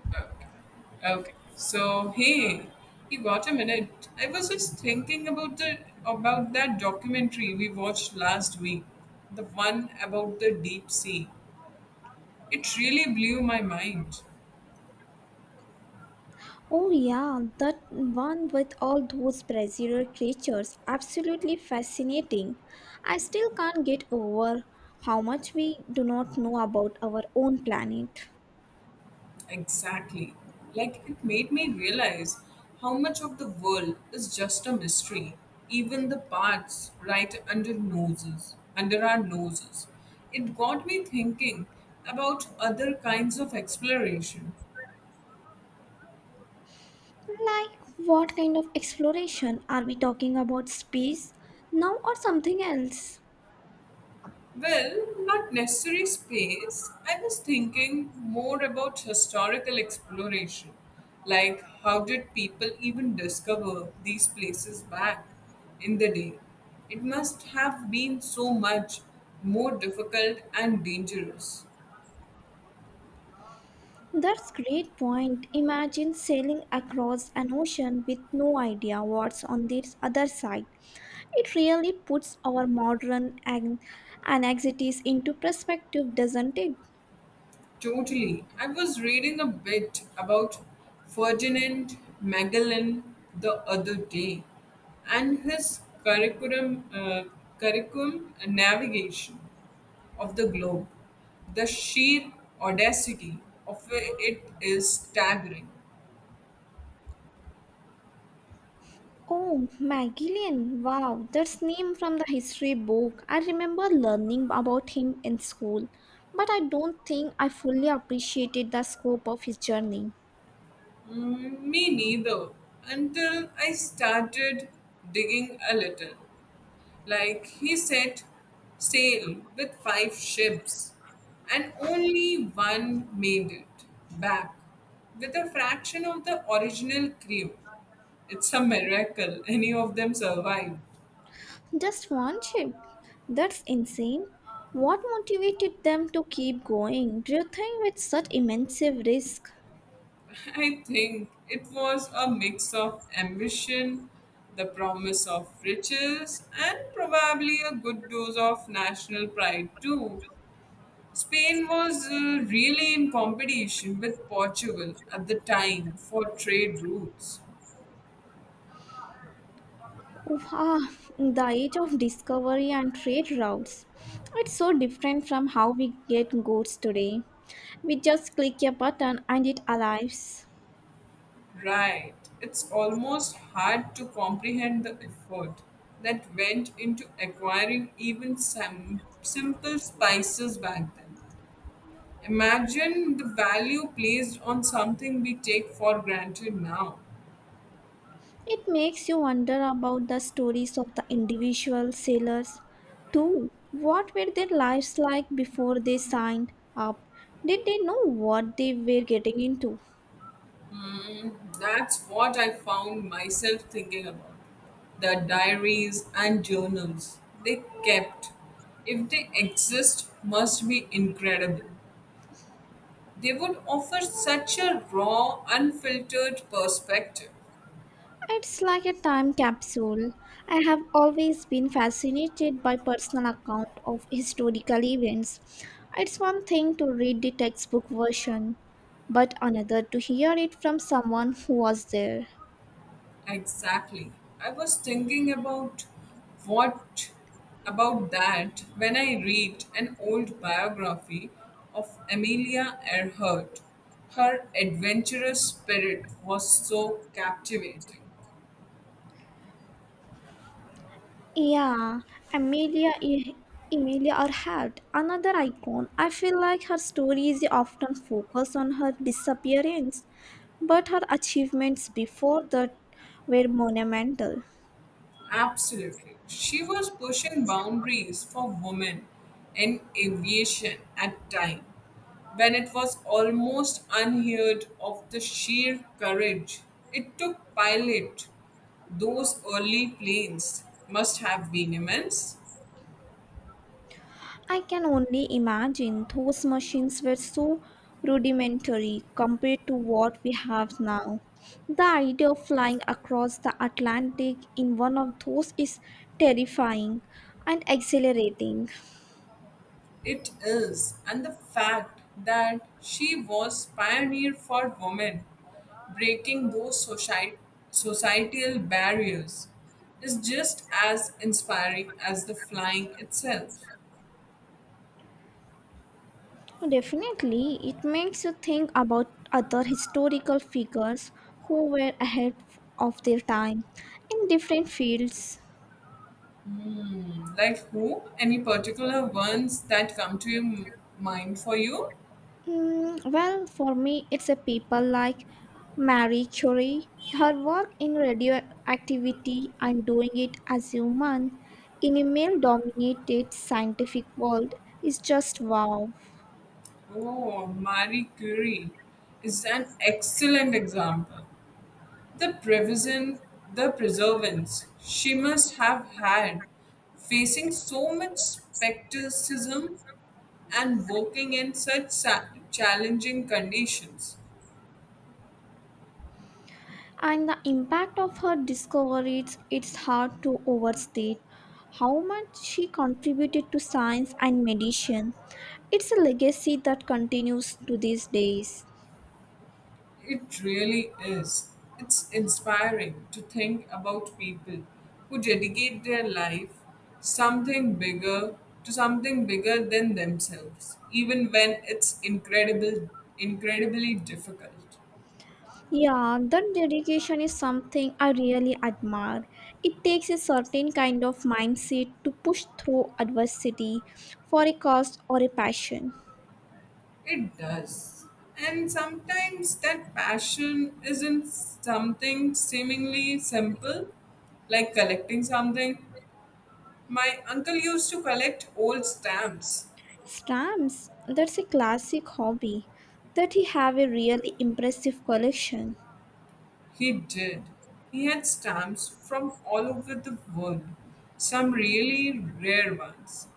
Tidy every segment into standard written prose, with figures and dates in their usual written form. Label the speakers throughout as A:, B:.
A: Okay. Okay. So hey, you got a minute? I was just thinking about the about that documentary we watched last week, the one about the deep sea. It really blew my mind.
B: Oh, yeah, that one with all those brazier creatures. Absolutely fascinating. I still can't get over how much we do not know about our own planet.
A: Exactly. Like it made me realize how much of the world is just a mystery, even the parts under our noses. It got me thinking about other kinds of exploration.
B: Like, what kind of exploration? Are we talking about space now or something else?
A: Well, not necessary space. I was thinking more about historical exploration. Like, how did people even discover these places back in the day? It must have been so much more difficult and dangerous.
B: That's great point. Imagine sailing across an ocean with no idea what's on the other side. It really puts our modern anxieties into perspective, doesn't it?
A: Totally. I was reading a bit about Ferdinand Magellan the other day and his curriculum navigation of the globe. The sheer audacity of it is staggering.
B: Oh, Magellan. Wow, that's name from the history book. I remember learning about him in school, but I don't think I fully appreciated the scope of his journey.
A: Me neither. Until I started digging a little. Like he set sail with five ships, and only one made it back with a fraction of the original crew. It's a miracle any of them survived.
B: Just one ship? That's insane. What motivated them to keep going? Do you think with such immense risk?
A: I think it was a mix of ambition, the promise of riches, and probably a good dose of national pride too. Spain was really in competition with Portugal at the time for trade routes.
B: Wow, the age of discovery and trade routes. It's so different from how we get goods today. We just click a button and it arrives.
A: Right, it's almost hard to comprehend the effort that went into acquiring even some simple spices back then. Imagine the value placed on something we take for granted now.
B: It makes you wonder about the stories of the individual sailors, too. What were their lives like before they signed up? Did they know what they were getting into?
A: Hmm, that's what I found myself thinking about. The diaries and journals they kept, if they exist, must be incredible. They would offer such a raw, unfiltered perspective.
B: It's like a time capsule. I have always been fascinated by personal account of historical events. It's one thing to read the textbook version, but another to hear it from someone who was there.
A: Exactly. I was thinking about what about that when I read an old biography of Amelia Earhart. Her adventurous spirit was so captivating.
B: Yeah, Amelia, Emilia Earhart, another icon. I feel like her story is often focused on her disappearance, but her achievements before that were monumental.
A: Absolutely. She was pushing boundaries for women in aviation at time when it was almost unheard of the sheer courage it took pilot those early planes must have been immense.
B: I can only imagine those machines were so rudimentary compared to what we have now. The idea of flying across the Atlantic in one of those is terrifying and exhilarating.
A: It is, and the fact that she was pioneer for women, breaking societal barriers, is just as inspiring as the flying itself.
B: No, definitely, it makes you think about other historical figures who were ahead of their time in different fields.
A: Like who? Any particular ones that come to mind for you?
B: Mm, well, for me, it's a people like Marie Curie. Her work in radioactivity and doing it as human in a male-dominated scientific world is just wow.
A: Oh, Marie Curie is an excellent example. The prevision, the perseverance she must have had, facing so much skepticism and working in challenging conditions.
B: And the impact of her discoveries, it's hard to overstate how much she contributed to science and medicine. It's a legacy that continues to these days.
A: It really is. It's inspiring to think about people who dedicate their life something bigger to something bigger than themselves even when it's incredible incredibly difficult.
B: Yeah, that dedication is something I really admire. It takes a certain kind of mindset to push through adversity for a cause or a passion.
A: It does. And sometimes that passion isn't something seemingly simple, like collecting something. My uncle used to collect old stamps.
B: Stamps, that's a classic hobby that he have a really impressive collection.
A: He did. He had stamps from all over the world, some really rare ones.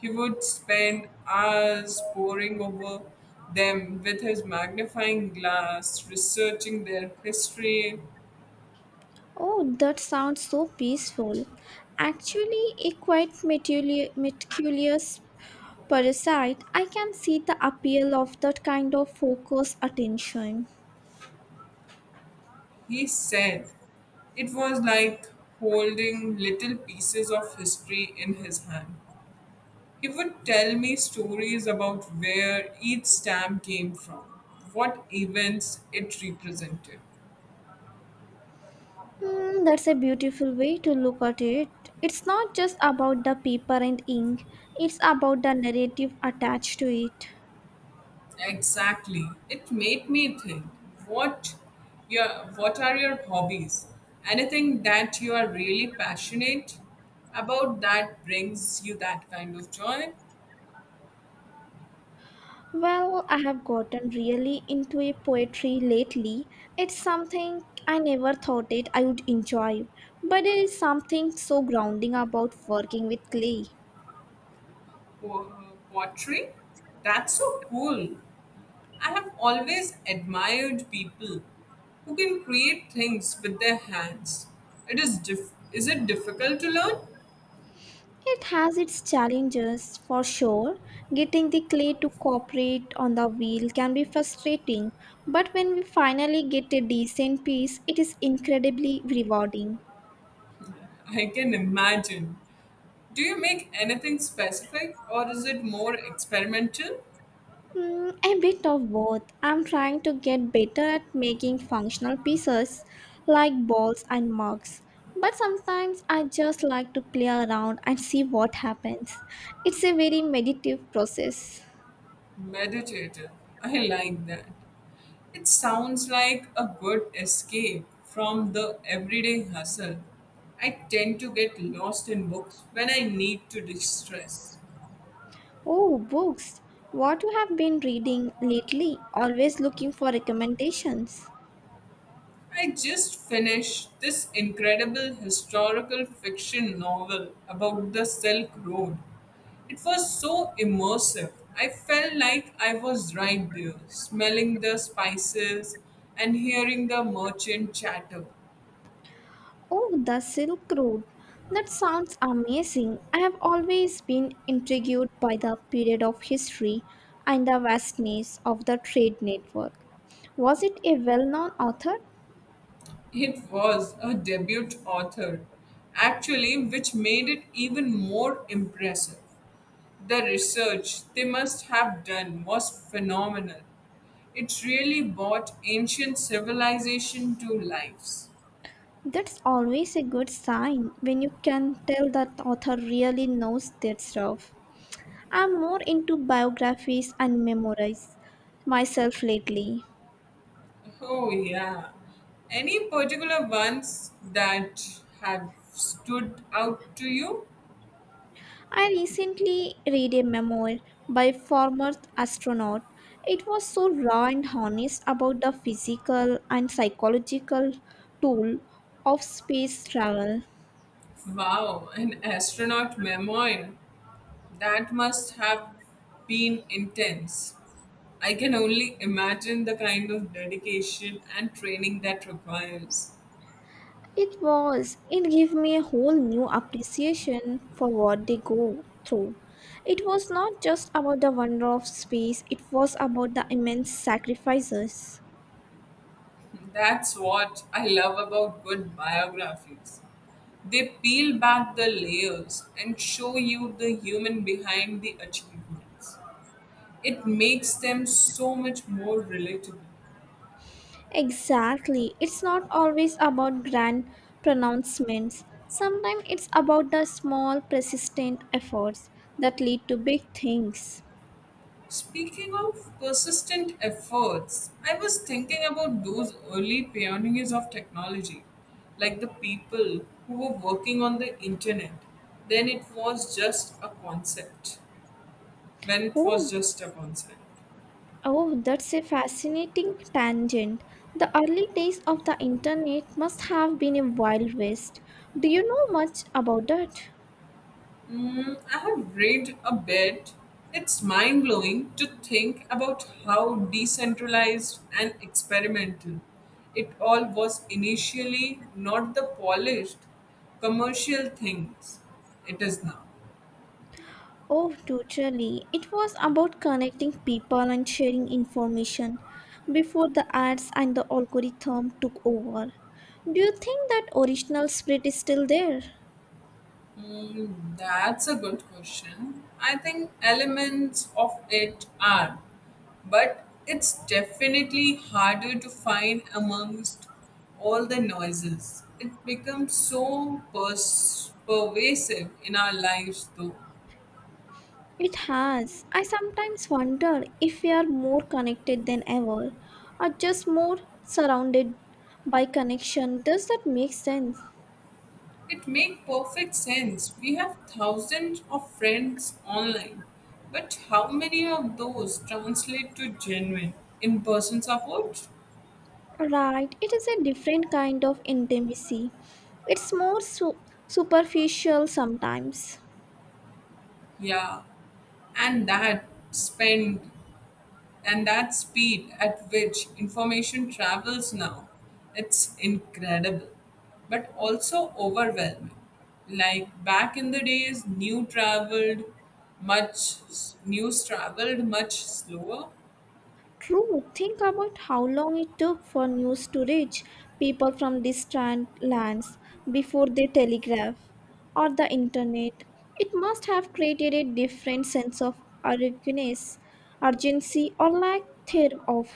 A: He would spend hours poring over them with his magnifying glass, researching their history.
B: Oh, that sounds so peaceful. Actually, a quite meticulous parasite. I can see the appeal of that kind of focused attention.
A: He said it was like holding little pieces of history in his hand. He would tell me stories about where each stamp came from, what events it represented.
B: Hmm, that's a beautiful way to look at it. It's not just about the paper and ink, it's about the narrative attached to it.
A: Exactly. It made me think what your what are your hobbies? Anything that you are really passionate about that brings you that kind of joy?
B: Well, I have gotten really into a poetry lately. It's something I never thought it I would enjoy, but there is something so grounding about working with clay.
A: Pottery? That's so cool. I have always admired people who can create things with their hands. Is it difficult to learn?
B: It has its challenges for sure. Getting the clay to cooperate on the wheel can be frustrating, but when we finally get a decent piece, it is incredibly rewarding.
A: I can imagine. Do you make anything specific or is it more experimental?
B: Mm, a bit of both. I'm trying to get better at making functional pieces like balls and mugs. But sometimes I just like to play around and see what happens. It's a very meditative process.
A: Meditative. I like that. It sounds like a good escape from the everyday hustle. I tend to get lost in books when I need to distress.
B: Oh, books. What you have been reading lately? Always looking for recommendations.
A: I just finished this incredible historical fiction novel about the Silk Road. It was so immersive. I felt like I was right there, smelling the spices and hearing the merchant chatter.
B: Oh, the Silk Road. That sounds amazing. I have always been intrigued by the period of history and the vastness of the trade network. Was it a well known author?
A: It was a debut author, actually, which made it even more impressive. The research they must have done was phenomenal. It really brought ancient civilization to life.
B: That's always a good sign when you can tell that author really knows their stuff. I'm more into biographies and memoirs myself lately.
A: Oh, yeah. Any particular ones that have stood out to you?
B: I recently read a memoir by former astronaut. It was so raw and honest about the physical and psychological toll of space travel.
A: Wow, an astronaut memoir. That must have been intense. I can only imagine the kind of dedication and training that requires.
B: It was. It gave me a whole new appreciation for what they go through. It was not just about the wonder of space, it was about the immense sacrifices.
A: That's what I love about good biographies. They peel back the layers and show you the human behind the achievements. It makes them so much more relatable.
B: Exactly. It's not always about grand pronouncements. Sometimes it's about the small, persistent efforts that lead to big things.
A: Speaking of persistent efforts, I was thinking about those early pioneers of technology, like the people who were working on the internet. Then it was just a concept. When it was
B: Oh,
A: just a concept.
B: oh, that's a fascinating tangent. The early days of the internet must have been a wild west. Do you know much about that?
A: I have read a bit. It's mind blowing to think about how decentralized and experimental it all was initially, not the polished commercial things it is now.
B: Oh, totally. It was about connecting people and sharing information before the ads and the algorithm took over. Do you think that original spirit is still there?
A: That's a good question. I think elements of it are, but it's definitely harder to find amongst all the noises. It becomes pervasive in our lives, though.
B: It has. I sometimes wonder if we are more connected than ever or just more surrounded by connection. Does that make sense?
A: It makes perfect sense. We have thousands of friends online, but how many of those translate to genuine in person support?
B: Right, it is a different kind of intimacy. It's more superficial sometimes.
A: Yeah, and that spend and that speed at which information travels now, it's incredible, but also overwhelming. Like back in the days, much news traveled much slower.
B: True, think about how long it took for news to reach people from distant lands before the telegraph or the internet. It must have created a different sense of urgency, urgency, or lack thereof.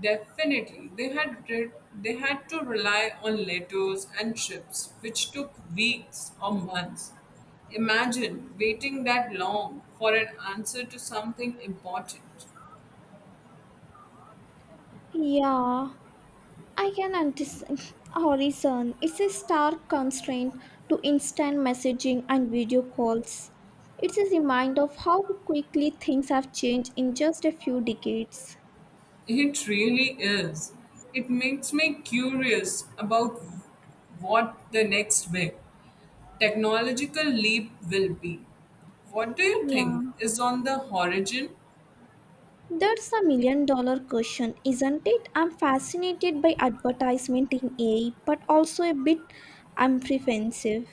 A: Definitely, they had to rely on letters and ships, which took weeks or months. Imagine waiting that long for an answer to something important.
B: Yeah, I can understand. Horizon, it's a stark constraint to instant messaging and video calls. It's a reminder of how quickly things have changed in just a few decades.
A: It really is. It makes me curious about what the next big technological leap will be. What do you
B: Yeah.
A: think is on the horizon?
B: That's a million dollar question, isn't it? I'm fascinated by advertisement in AI, but also a bit apprehensive.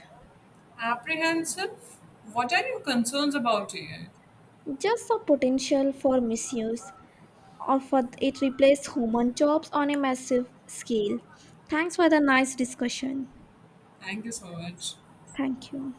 A: Apprehensive? What are your concerns about it?
B: Just the potential for misuse, or for it replace human jobs on a massive scale. Thanks for the nice discussion.
A: Thank you so much.
B: Thank you.